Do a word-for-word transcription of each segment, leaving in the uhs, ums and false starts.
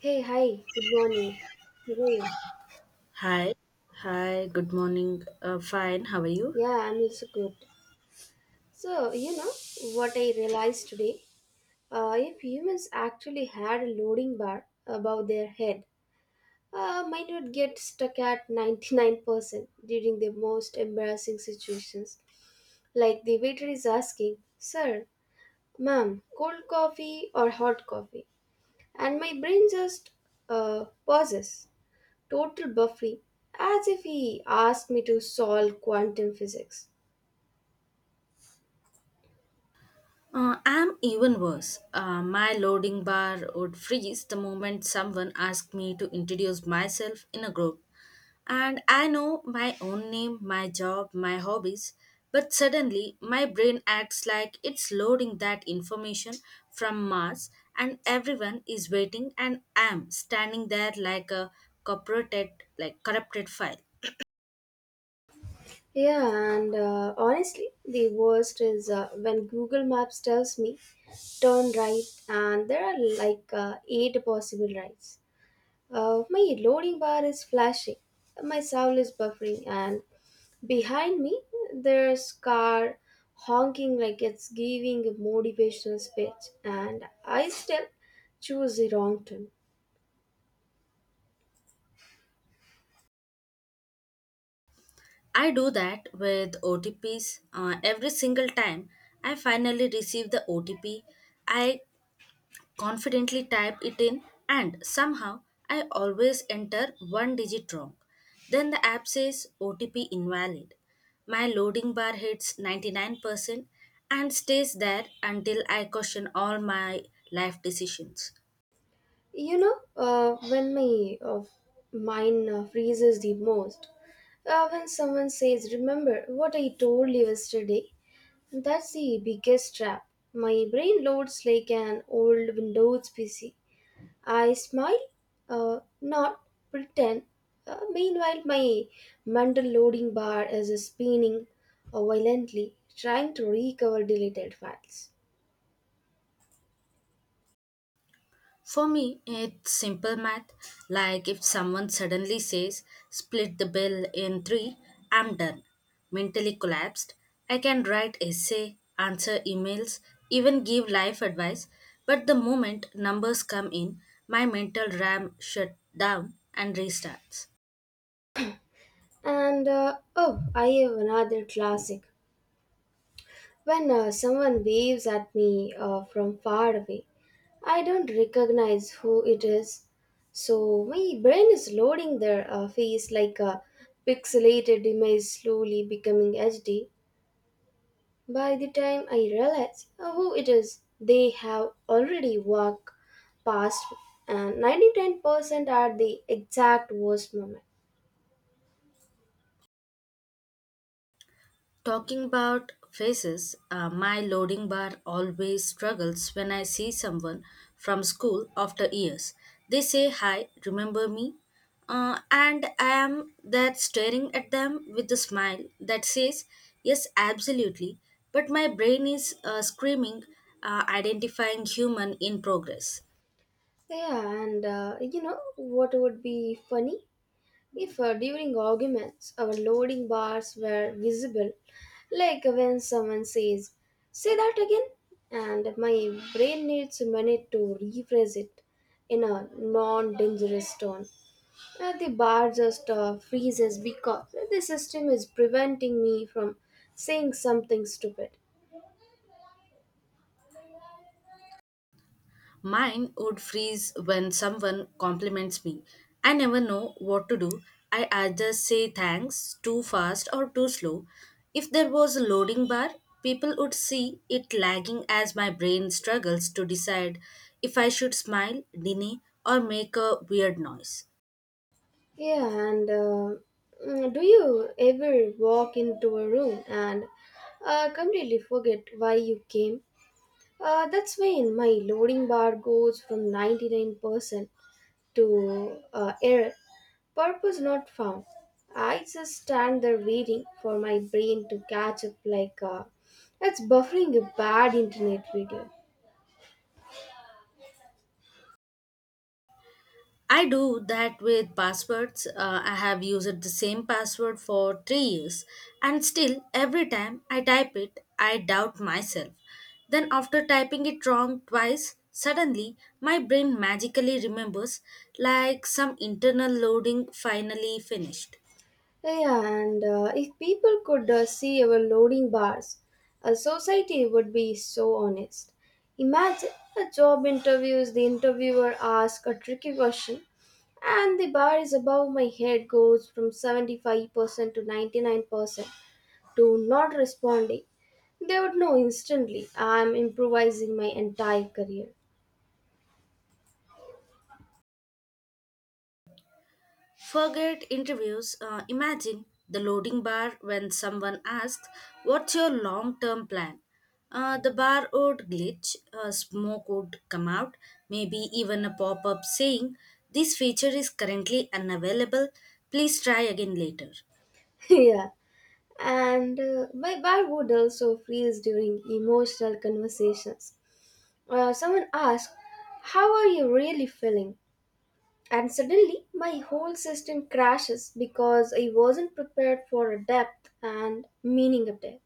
Hey, hi, good morning. Hey, Hi, hi, good morning. Uh, fine, how are you? yeah, I'm also good. So, you know what I realized today? Uh, if humans actually had a loading bar above their head, uh, might not get stuck at ninety-nine percent during the most embarrassing situations. Like the waiter is asking, sir, ma'am, cold coffee or hot coffee? And my brain just uh, pauses, total buffering, as if he asked me to solve quantum physics. Uh, I'm even worse. Uh, my loading bar would freeze the moment someone asked me to introduce myself in a group. And I know my own name, my job, my hobbies, but suddenly my brain acts like it's loading that information from Mars, and everyone is waiting, and I'm standing there like a corrupted, like corrupted file. Yeah, and uh, honestly, the worst is uh, when Google Maps tells me turn right, and there are like uh, eight possible rights. Uh, my loading bar is flashing, my soul is buffering, and behind me there's car honking like it's giving a motivational speech, and I still choose the wrong turn. I do that with O T Ps uh, every single time I finally receive the O T P. I confidently type it in, and somehow I always enter one digit wrong. Then the app says O T P invalid. My loading bar hits ninety-nine percent and stays there until I question all my life decisions. You know, uh, when my uh, mind uh, freezes the most. Uh, when someone says, remember what I told you yesterday, that's the biggest trap. My brain loads like an old Windows P C. I smile, uh, not pretend. Uh, meanwhile, my mental loading bar is spinning uh, violently, trying to recover deleted files. For me, it's simple math. Like if someone suddenly says, split the bill in three, I'm done. Mentally collapsed. I can write essay, answer emails, even give life advice. But the moment numbers come in, my mental RAM shut down and restarts. And uh, oh, I have another classic. When uh, someone waves at me uh, from far away, I don't recognize who it is. So my brain is loading their uh, face like a pixelated image, slowly becoming H D. By the time I realize uh, who it is, they have already walked past, and ninety percent are the exact worst moment. Talking about faces, uh, my loading bar always struggles when I see someone from school after years. They say, Hi, remember me? Uh, and I am there staring at them with a smile that says, Yes, absolutely. But my brain is uh, screaming, uh, identifying human in progress. Yeah, and uh, you know what would be funny? If uh, during arguments our loading bars were visible, like when someone says, say that again, and my brain needs a minute to rephrase it in a non dangerous tone. Uh, the bar just uh, freezes because the system is preventing me from saying something stupid. Mine would freeze when someone compliments me. I never know what to do. I either say thanks too fast or too slow. If there was a loading bar, people would see it lagging as my brain struggles to decide if I should smile, deny, or make a weird noise. Yeah, and uh, mm, do you ever walk into a room and uh, completely forget why you came? Uh, that's when my loading bar goes from ninety-nine percent to uh, error. Purpose not found. I just stand there waiting for my brain to catch up, like uh, it's buffering a bad internet video. I do that with passwords. Uh, I have used the same password for three years, and still, every time I type it, I doubt myself. Then, after typing it wrong twice, suddenly my brain magically remembers like some internal loading finally finished. Yeah, and uh, if people could uh, see our loading bars, a society would be so honest. Imagine a job interviews, the interviewer asks a tricky question, and the bar is above my head goes from seventy-five percent to ninety-nine percent to not responding. They would know instantly I'm improvising my entire career. Forget interviews. Uh, imagine the loading bar when someone asks, What's your long term plan? Uh, the bar would glitch, uh, smoke would come out, maybe even a pop up saying, This feature is currently unavailable, please try again later. Yeah, and uh, my bar would also freeze during emotional conversations. Uh, someone asks, how are you really feeling? And suddenly, my whole system crashes because I wasn't prepared for a depth and meaning of death.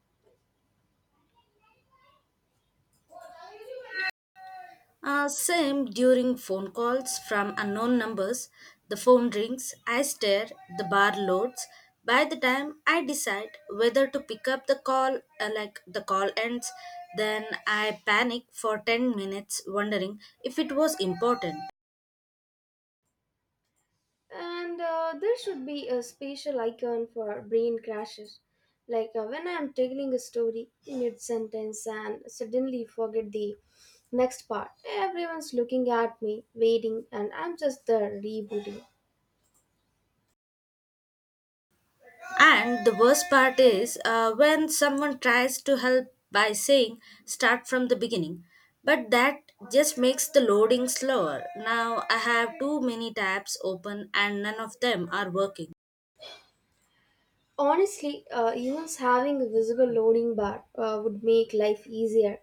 Uh, same during phone calls from unknown numbers, the phone rings, I stare, the bar loads. By the time I decide whether to pick up the call, uh, like the call ends, then I panic for ten minutes wondering if it was important. And uh, there should be a special icon for brain crashes. Like uh, when I am telling a story mid sentence and suddenly forget the next part. Everyone's looking at me, waiting, and I'm just there rebooting. And the worst part is uh, when someone tries to help by saying start from the beginning, but that just makes the loading slower. Now I have too many tabs open and none of them are working. Honestly, uh, even having a visible loading bar uh, would make life easier.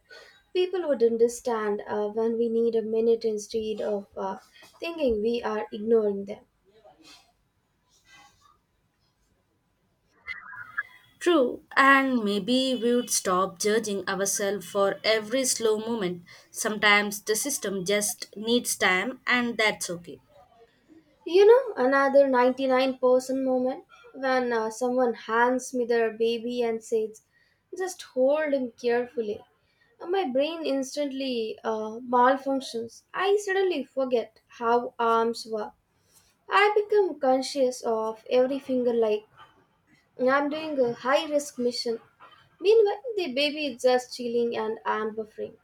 People would understand uh, when we need a minute instead of uh, thinking we are ignoring them. True, and maybe we would stop judging ourselves for every slow moment. Sometimes the system just needs time, and that's okay. You know, another ninety-nine percent moment when uh, someone hands me their baby and says, just hold him carefully. Uh, My brain instantly uh, malfunctions. I suddenly forget how arms work. I become conscious of every finger like I'm doing a high risk mission. Meanwhile, the baby is just chilling and I'm buffering.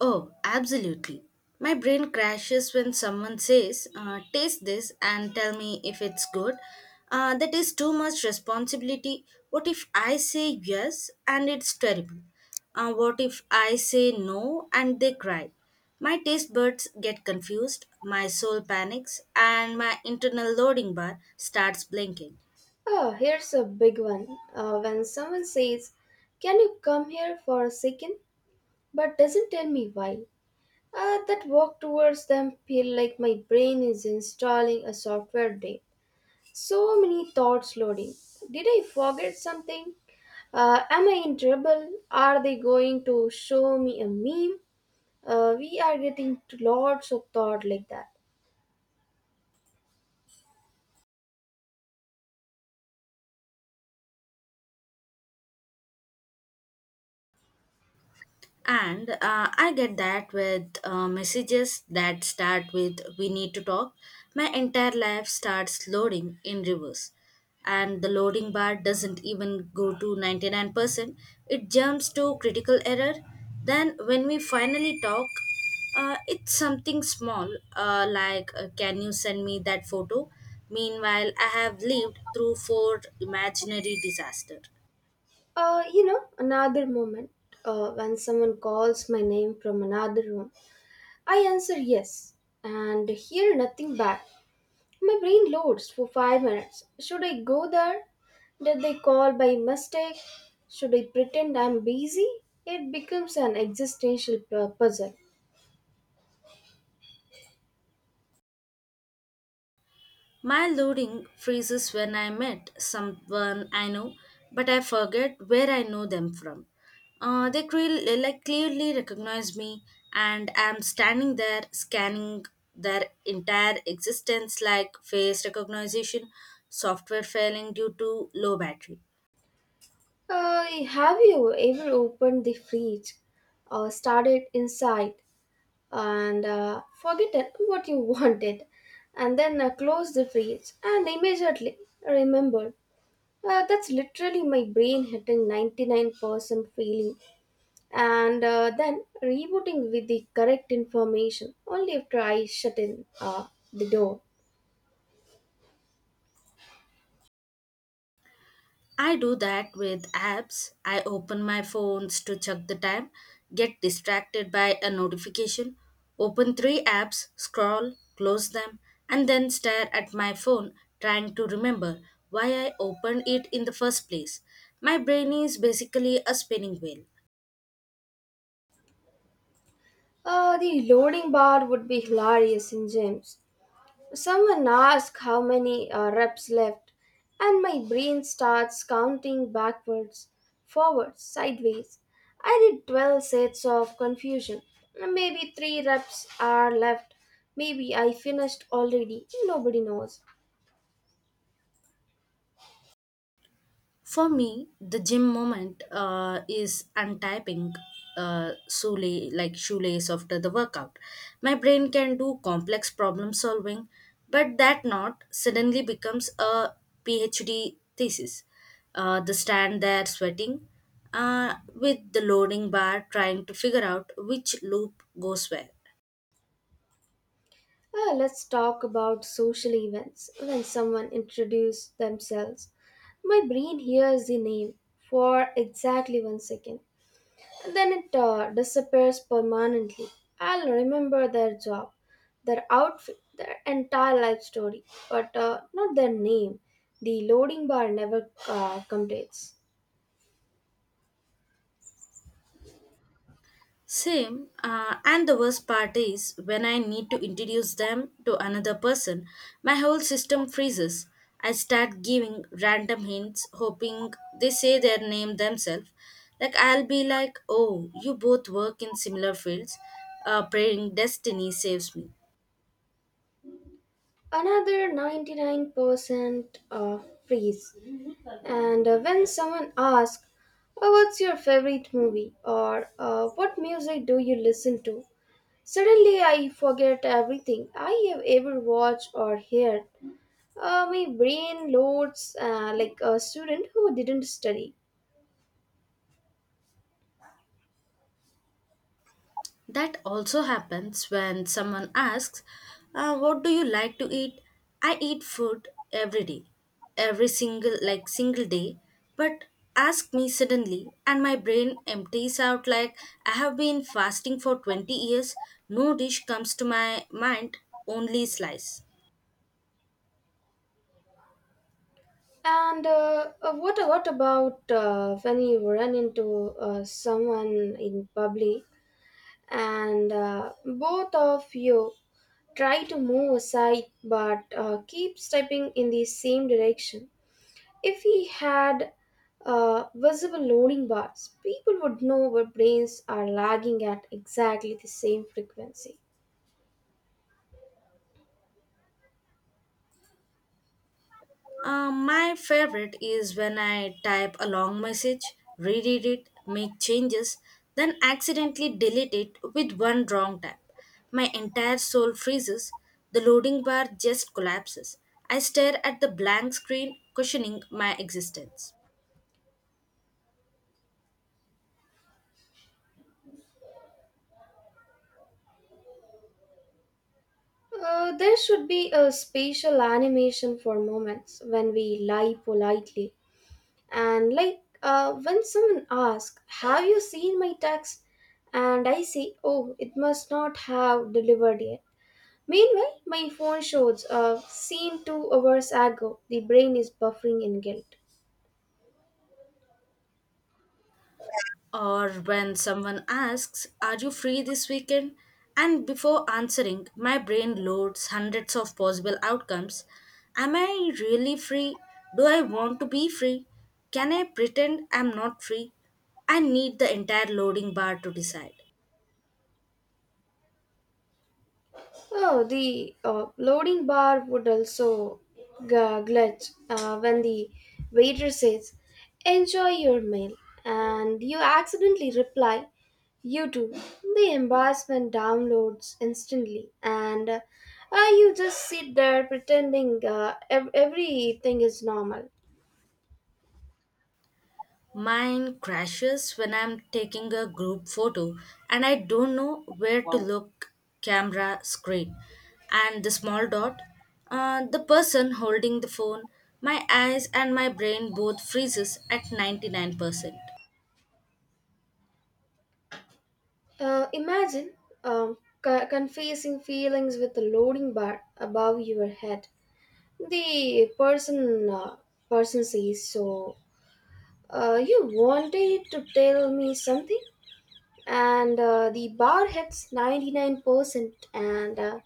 Oh, absolutely. My brain crashes when someone says, uh, Taste this and tell me if it's good. Uh, that is too much responsibility. What if I say yes and it's terrible? Uh, what if I say no and they cry? My taste buds get confused, my soul panics, and my internal loading bar starts blinking. Oh, here's a big one. Uh, when someone says, "Can you come here for a second?" but doesn't tell me why. Uh, that walk towards them feel like my brain is installing a software update. So many thoughts loading. Did I forget something? Uh, am I in trouble? Are they going to show me a meme? Uh, we are getting lots of thought like that. And uh, I get that with uh, messages that start with we need to talk. My entire life starts loading in reverse. And the loading bar doesn't even go to ninety-nine percent, it jumps to critical error. Then, when we finally talk, uh, it's something small, uh, like, uh, can you send me that photo. Meanwhile, I have lived through four imaginary disaster. Uh, you know, another moment uh, when someone calls my name from another room, I answer yes and hear nothing back. My brain loads for five minutes. Should I go there? Did they call by mistake? Should I pretend I'm busy? It becomes an existential pu- puzzle. My loading freezes when I met someone I know, but I forget where I know them from. Uh, they cre- like clearly recognize me, and I'm standing there scanning their entire existence like face recognition software failing due to low battery. Uh, have you ever opened the fridge or started inside, and uh, forget what you wanted, and then uh, close the fridge and immediately remember? Uh, that's literally my brain hitting ninety-nine percent feeling, and uh, then rebooting with the correct information only after I shut in uh, the door. I do that with apps. I open my phones to check the time, get distracted by a notification, open three apps, scroll, close them, and then stare at my phone trying to remember why I opened it in the first place. My brain is basically a spinning wheel. Uh, the loading bar would be hilarious in James. Someone asks how many uh, reps left, and my brain starts counting backwards, forwards, sideways. I did twelve sets of confusion. Maybe three reps are left. Maybe I finished already. Nobody knows. For me, the gym moment uh, is untyping uh, shoelace, like shoelace after the workout. My brain can do complex problem solving, but that knot suddenly becomes a PhD thesis. Uh, the stand there sweating uh, with the loading bar trying to figure out which loop goes where. Uh, let's talk about social events when someone introduces themselves. My brain hears the name for exactly one second. Then it uh, disappears permanently. I'll remember their job, their outfit, their entire life story, but uh, not their name. The loading bar never uh, completes. Same, uh, and the worst part is when I need to introduce them to another person, my whole system freezes. I start giving random hints, hoping they say their name themselves. Like, I'll be like, oh, you both work in similar fields, uh, praying destiny saves me. Another ninety-nine percent uh, freeze. And uh, when someone asks, "Oh, what's your favorite movie? Or uh, what music do you listen to?" Suddenly, I forget everything I have ever watched or heard. Uh, my brain loads uh, like a student who didn't study. That also happens when someone asks, uh, What do you like to eat? I eat food every day, every single like single day. But ask me suddenly, and my brain empties out like I have been fasting for twenty years. No dish comes to my mind, only slice. And uh, uh, what what about uh, when you run into uh, someone in public, and uh, both of you try to move aside, but uh, keep stepping in the same direction? If we had uh, visible loading bars, people would know our brains are lagging at exactly the same frequency. Um, my favorite is when I type a long message, reread it, make changes, then accidentally delete it with one wrong tap. My entire soul freezes, the loading bar just collapses. I stare at the blank screen, questioning my existence. Uh, there should be a spatial animation for moments when we lie politely. And like, uh, when someone asks, "Have you seen my text?" And I say, "Oh, it must not have delivered yet." Meanwhile, my phone shows uh, seen two hours ago. The brain is buffering in guilt. Or when someone asks, Are you free this weekend? And before answering, my brain loads hundreds of possible outcomes. Am I really free? Do I want to be free? Can I pretend I'm not free? I need the entire loading bar to decide. Oh, the uh, loading bar would also g- glitch uh, when the waiter says, "Enjoy your meal," and you accidentally reply, "You too." The embarrassment downloads instantly, and uh, uh, you just sit there pretending uh, ev- everything is normal. Mine crashes when I'm taking a group photo and I don't know where to look, camera screen and the small dot, uh, the person holding the phone, my eyes and my brain both freezes at ninety-nine percent. Uh, imagine um, c- confessing feelings with a loading bar above your head. the person uh, person says, so uh, you wanted to tell me something, and uh, the bar hits ninety-nine percent and uh,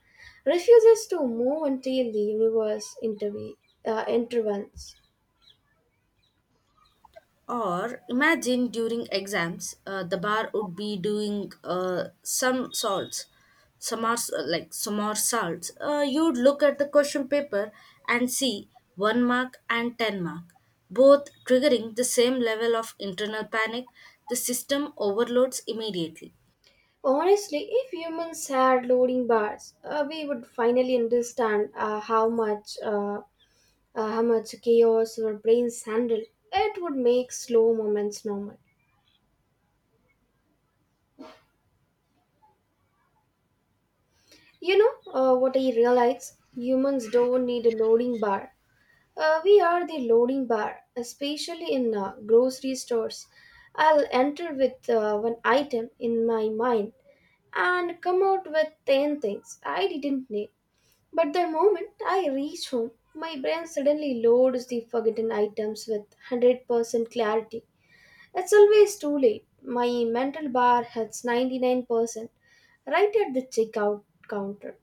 refuses to move until the universe interve- uh, intervenes. Or imagine during exams, uh, the bar would be doing uh, some salts, some are, uh, like some more salts. Uh, you'd look at the question paper and see one mark and ten mark, both triggering the same level of internal panic. The system overloads immediately. Honestly, if humans had loading bars, uh, we would finally understand uh, how much uh, uh, how much chaos our brains handle. It would make slow moments normal. You know uh, what I realize? Humans don't need a loading bar. Uh, we are the loading bar, especially in uh, grocery stores. I'll enter with uh, one item in my mind and come out with ten things I didn't need. But the moment I reach home, my brain suddenly loads the forgotten items with one hundred percent clarity. It's always too late. My mental bar hits ninety-nine percent right at the checkout counter.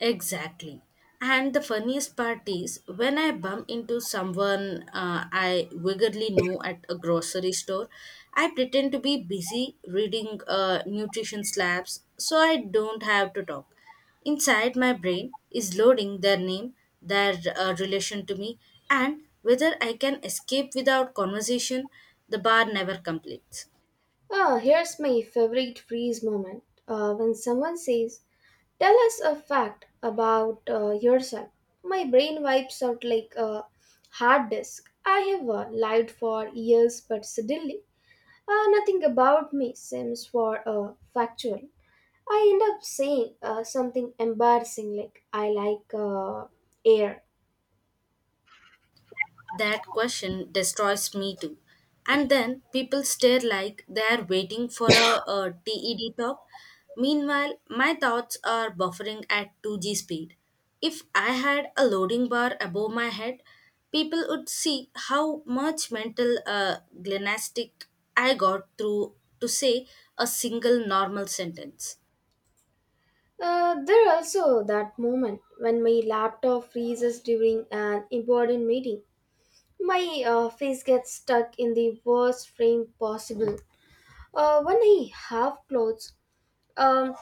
Exactly. And the funniest part is when I bump into someone uh, I vaguely know at a grocery store, I pretend to be busy reading uh, nutrition slabs so I don't have to talk. Inside my brain is loading their name, their uh, relation to me, and whether I can escape without conversation. The bar never completes. Ah, here's my favorite freeze moment uh, when someone says, "Tell us a fact about uh, yourself." My brain wipes out like a hard disk. I have uh, lied for years, but suddenly uh, nothing about me seems for uh, factual. I end up saying uh, something embarrassing like, "I like uh, air." That question destroys me too. And then people stare like they are waiting for a, a TED talk. Meanwhile, my thoughts are buffering at two G speed. If I had a loading bar above my head, people would see how much mental uh, gymnastic I got through to say a single normal sentence. Uh, there are also that moment when my laptop freezes during an important meeting. My uh, face gets stuck in the worst frame possible. Uh, when I have clothes, um,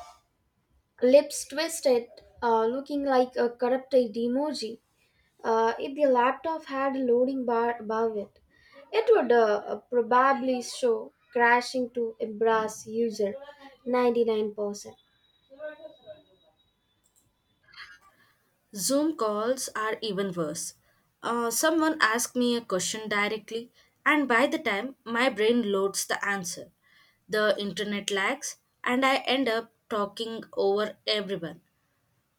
lips twisted, uh, looking like a corrupted emoji. Uh, if the laptop had a loading bar above it, it would uh, probably show crashing to embrace user ninety-nine percent. Zoom calls are even worse. Uh, someone asks me a question directly, and by the time my brain loads the answer, the internet lags, and I end up talking over everyone.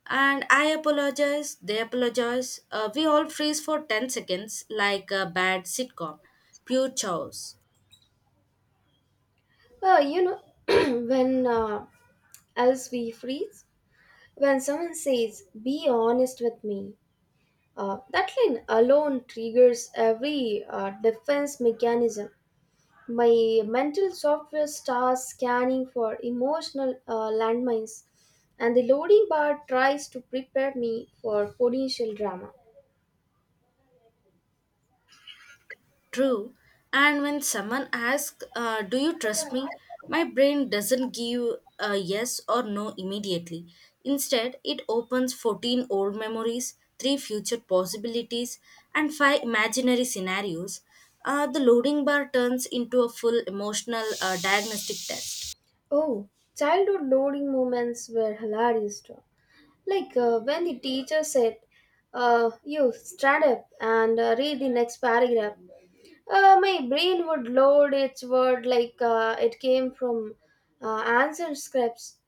And I apologize, they apologize. Uh, we all freeze for ten seconds like a bad sitcom. Pure chaos. Uh, you know, when uh, else we freeze, when someone says, be honest with me. Uh, that line alone triggers every uh, defense mechanism. My mental software starts scanning for emotional uh, landmines, and the loading bar tries to prepare me for potential drama. True. And when someone asks, uh, Do you trust me? My brain doesn't give a yes or no immediately. Instead, it opens fourteen old memories, three future possibilities, and five imaginary scenarios. Uh, the loading bar turns into a full emotional uh, diagnostic test. Oh, childhood loading moments were hilarious too. Like uh, when the teacher said, uh, "You stand up and uh, read the next paragraph," uh, my brain would load its word like uh, it came from uh, answer scripts.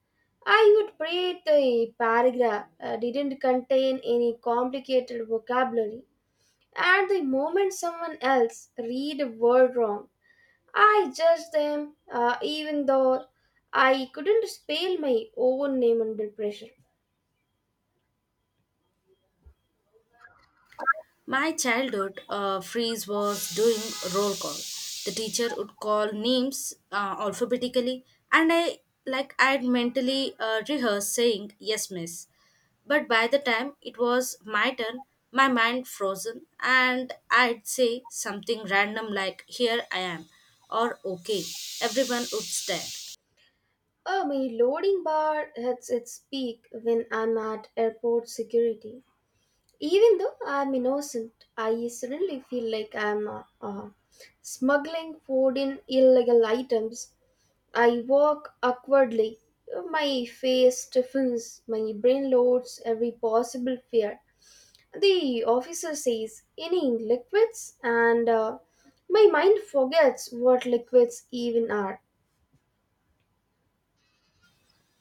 I would pray the paragraph uh, didn't contain any complicated vocabulary. At the moment someone else read a word wrong, I judged them, uh, even though I couldn't spell my own name under pressure. My childhood uh, freeze was doing roll call. The teacher would call names uh, alphabetically, and I like I'd mentally uh, rehearse saying yes, miss. But by the time it was my turn, my mind frozen, and I'd say something random like "Here I am," or "Okay." Everyone would stare. Oh, my loading bar hits its peak when I'm at airport security. Even though I'm innocent, I suddenly feel like I'm uh, uh, smuggling food in illegal items. I walk awkwardly. My face stiffens, my brain loads every possible fear. The officer says, "Any liquids?" And uh, my mind forgets what liquids even are.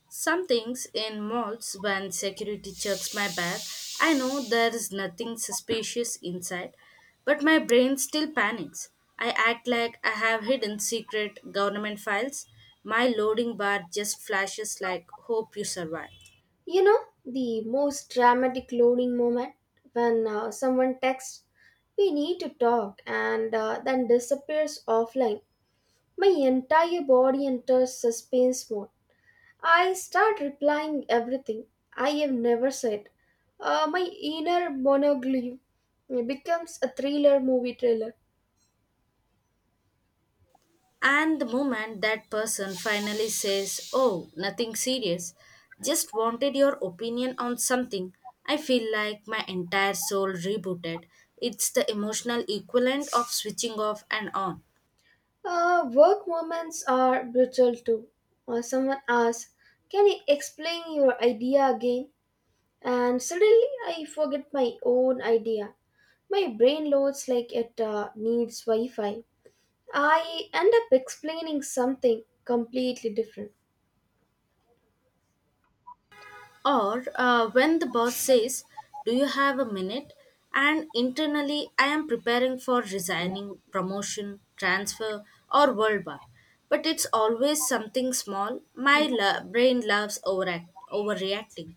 Some things in malls when security checks my bag, I know there is nothing suspicious inside, but my brain still panics. I act like I have hidden secret government files. My loading bar just flashes like hope you survive. You know, the most dramatic loading moment when uh, someone texts, "We need to talk," and uh, then disappears offline. My entire body enters suspense mode. I start replying everything I have never said. Uh, my inner monologue becomes a thriller movie trailer. And the moment that person finally says, Oh, nothing serious, just wanted your opinion on something, I feel like my entire soul rebooted. It's the emotional equivalent of switching off and on. Uh, work moments are brutal too. Uh, someone asks, "Can you explain your idea again?" And suddenly I forget my own idea. My brain loads like it uh, needs Wi Fi. I end up explaining something completely different. Or uh, when the boss says, Do you have a minute? And internally, I am preparing for resigning, promotion, transfer, or world war. But it's always something small. My lo- brain loves overact- overreacting.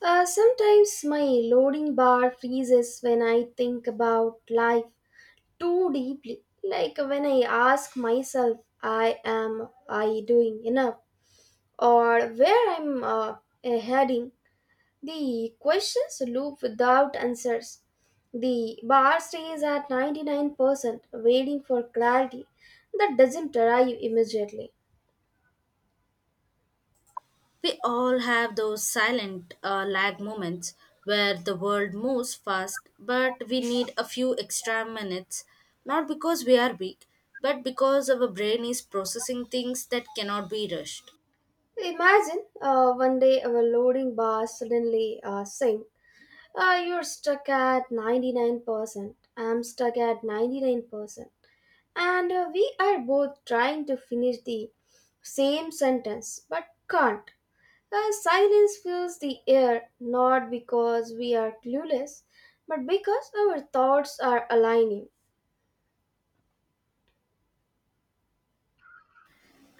Uh, sometimes my loading bar freezes when I think about life too deeply. Like when I ask myself, I am I doing enough? Or where I'm uh, heading? The questions loop without answers. The bar stays at ninety-nine percent waiting for clarity that doesn't arrive immediately. We all have those silent uh, lag moments where the world moves fast, but we need a few extra minutes, not because we are weak, but because our brain is processing things that cannot be rushed. Imagine uh, one day our loading bar suddenly uh, sink. Uh, you're stuck at ninety-nine percent. I'm stuck at ninety-nine percent. And uh, we are both trying to finish the same sentence but can't. Uh, silence fills the air, not because we are clueless, but because our thoughts are aligning.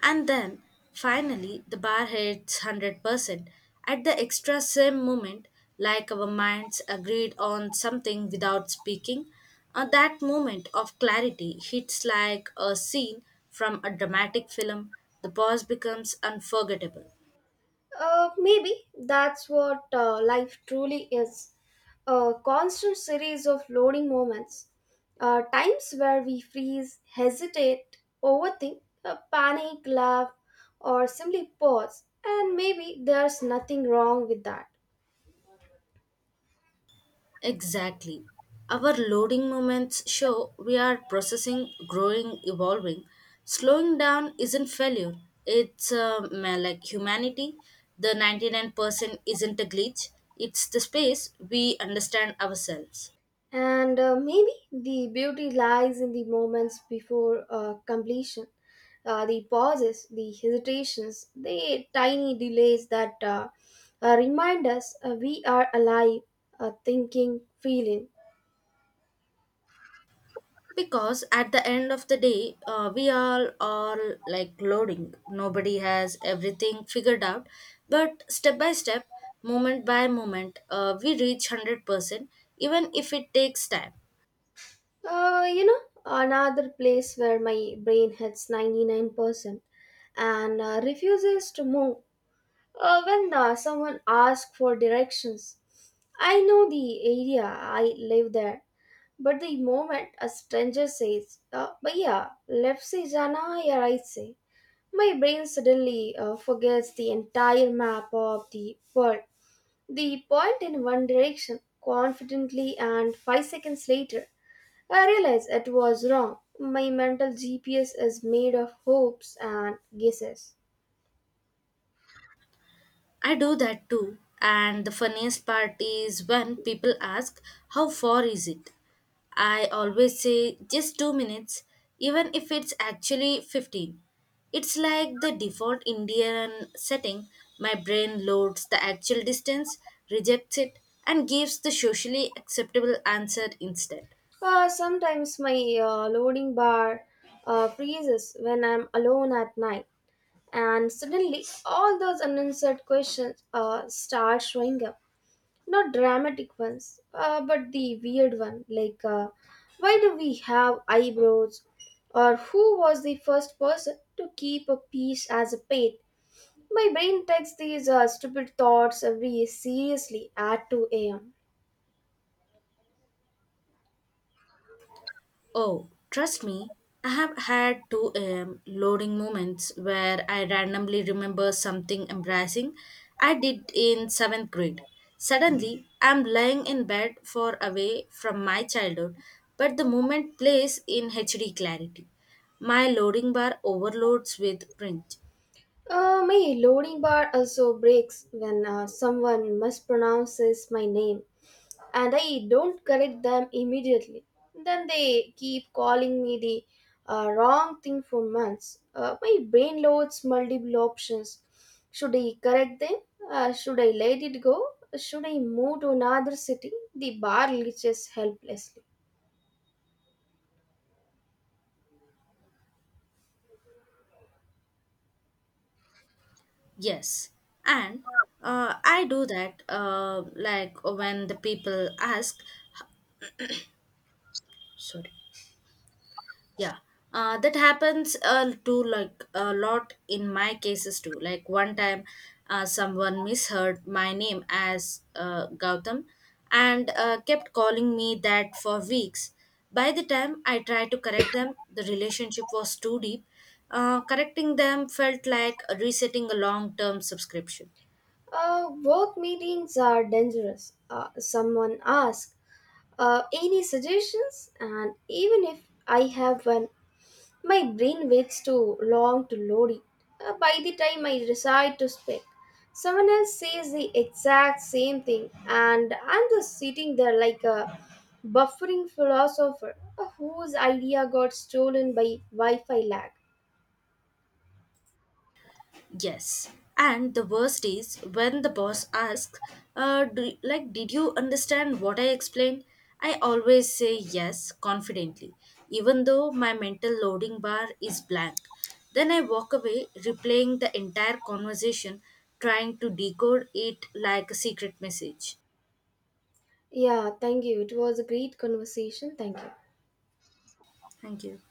And then finally the bar hits one hundred percent at the extra same moment, like our minds agreed on something without speaking. Uh, that moment of clarity hits like a scene from a dramatic film. The pause becomes unforgettable. Uh, maybe that's what uh, life truly is, a constant series of loading moments. Uh, times where we freeze, hesitate, overthink, uh, panic, laugh, or simply pause. And maybe there's nothing wrong with that. Exactly. Our loading moments show we are processing, growing, evolving. Slowing down isn't failure. It's uh, ma- like humanity. The ninety-nine percent isn't a glitch. It's the space we understand ourselves. And uh, maybe the beauty lies in the moments before uh, completion, uh, the pauses, the hesitations, the tiny delays that uh, uh, remind us uh, we are alive, uh, thinking, feeling. Because at the end of the day, uh, we all are like loading. Nobody has everything figured out. But step by step, moment by moment, uh, we reach one hundred percent, even if it takes time. Uh, you know, another place where my brain hits ninety-nine percent and uh, refuses to move. Uh, when uh, someone asks for directions, I know the area, I live there. But the moment a stranger says, uh, but yeah, left say Jana, yeah, right say, my brain suddenly uh, forgets the entire map of the world. The point in one direction confidently, and five seconds later, I realize it was wrong. My mental G P S is made of hopes and guesses. I do that too. And the funniest part is when people ask, How far is it? I always say, Just two minutes, even if it's actually fifteen. It's like the default Indian setting. My brain loads the actual distance, rejects it, and gives the socially acceptable answer instead. Uh, sometimes my uh, loading bar uh, freezes when I'm alone at night. And suddenly all those unanswered questions uh, start showing up. Not dramatic ones, uh, but the weird one, like, uh, why do we have eyebrows, or who was the first person to keep a piece as a pet? My brain takes these uh, stupid thoughts every seriously at two a m. Oh, trust me, I have had two a m loading moments where I randomly remember something embarrassing I did in seventh grade. Suddenly, I'm lying in bed far away from my childhood, but the moment plays in H D clarity. My loading bar overloads with print. Uh, my loading bar also breaks when uh, someone mispronounces my name, and I don't correct them immediately. Then they keep calling me the uh, wrong thing for months. Uh, my brain loads multiple options. Should I correct them? Uh, should I let it go? Should I move to another city? The bar leeches helplessly. Yes, and uh, I do that uh, like when the people ask, sorry, yeah, uh, that happens uh, to like a lot in my cases too. Like one time uh, someone misheard my name as uh, Gautam, and uh, kept calling me that for weeks. By the time I tried to correct them, the relationship was too deep. Uh, correcting them felt like resetting a long-term subscription. Uh, work meetings are dangerous. Uh, someone asks, uh, "Any suggestions?" And even if I have one, my brain waits too long to load it. Uh, by the time I decide to speak, someone else says the exact same thing, and I'm just sitting there like a buffering philosopher whose idea got stolen by Wi Fi lag. Yes. And the worst is when the boss asks, uh, do, like, did you understand what I explained? I always say yes confidently, even though my mental loading bar is blank. Then I walk away, replaying the entire conversation, trying to decode it like a secret message. Yeah, thank you. It was a great conversation. Thank you. Thank you.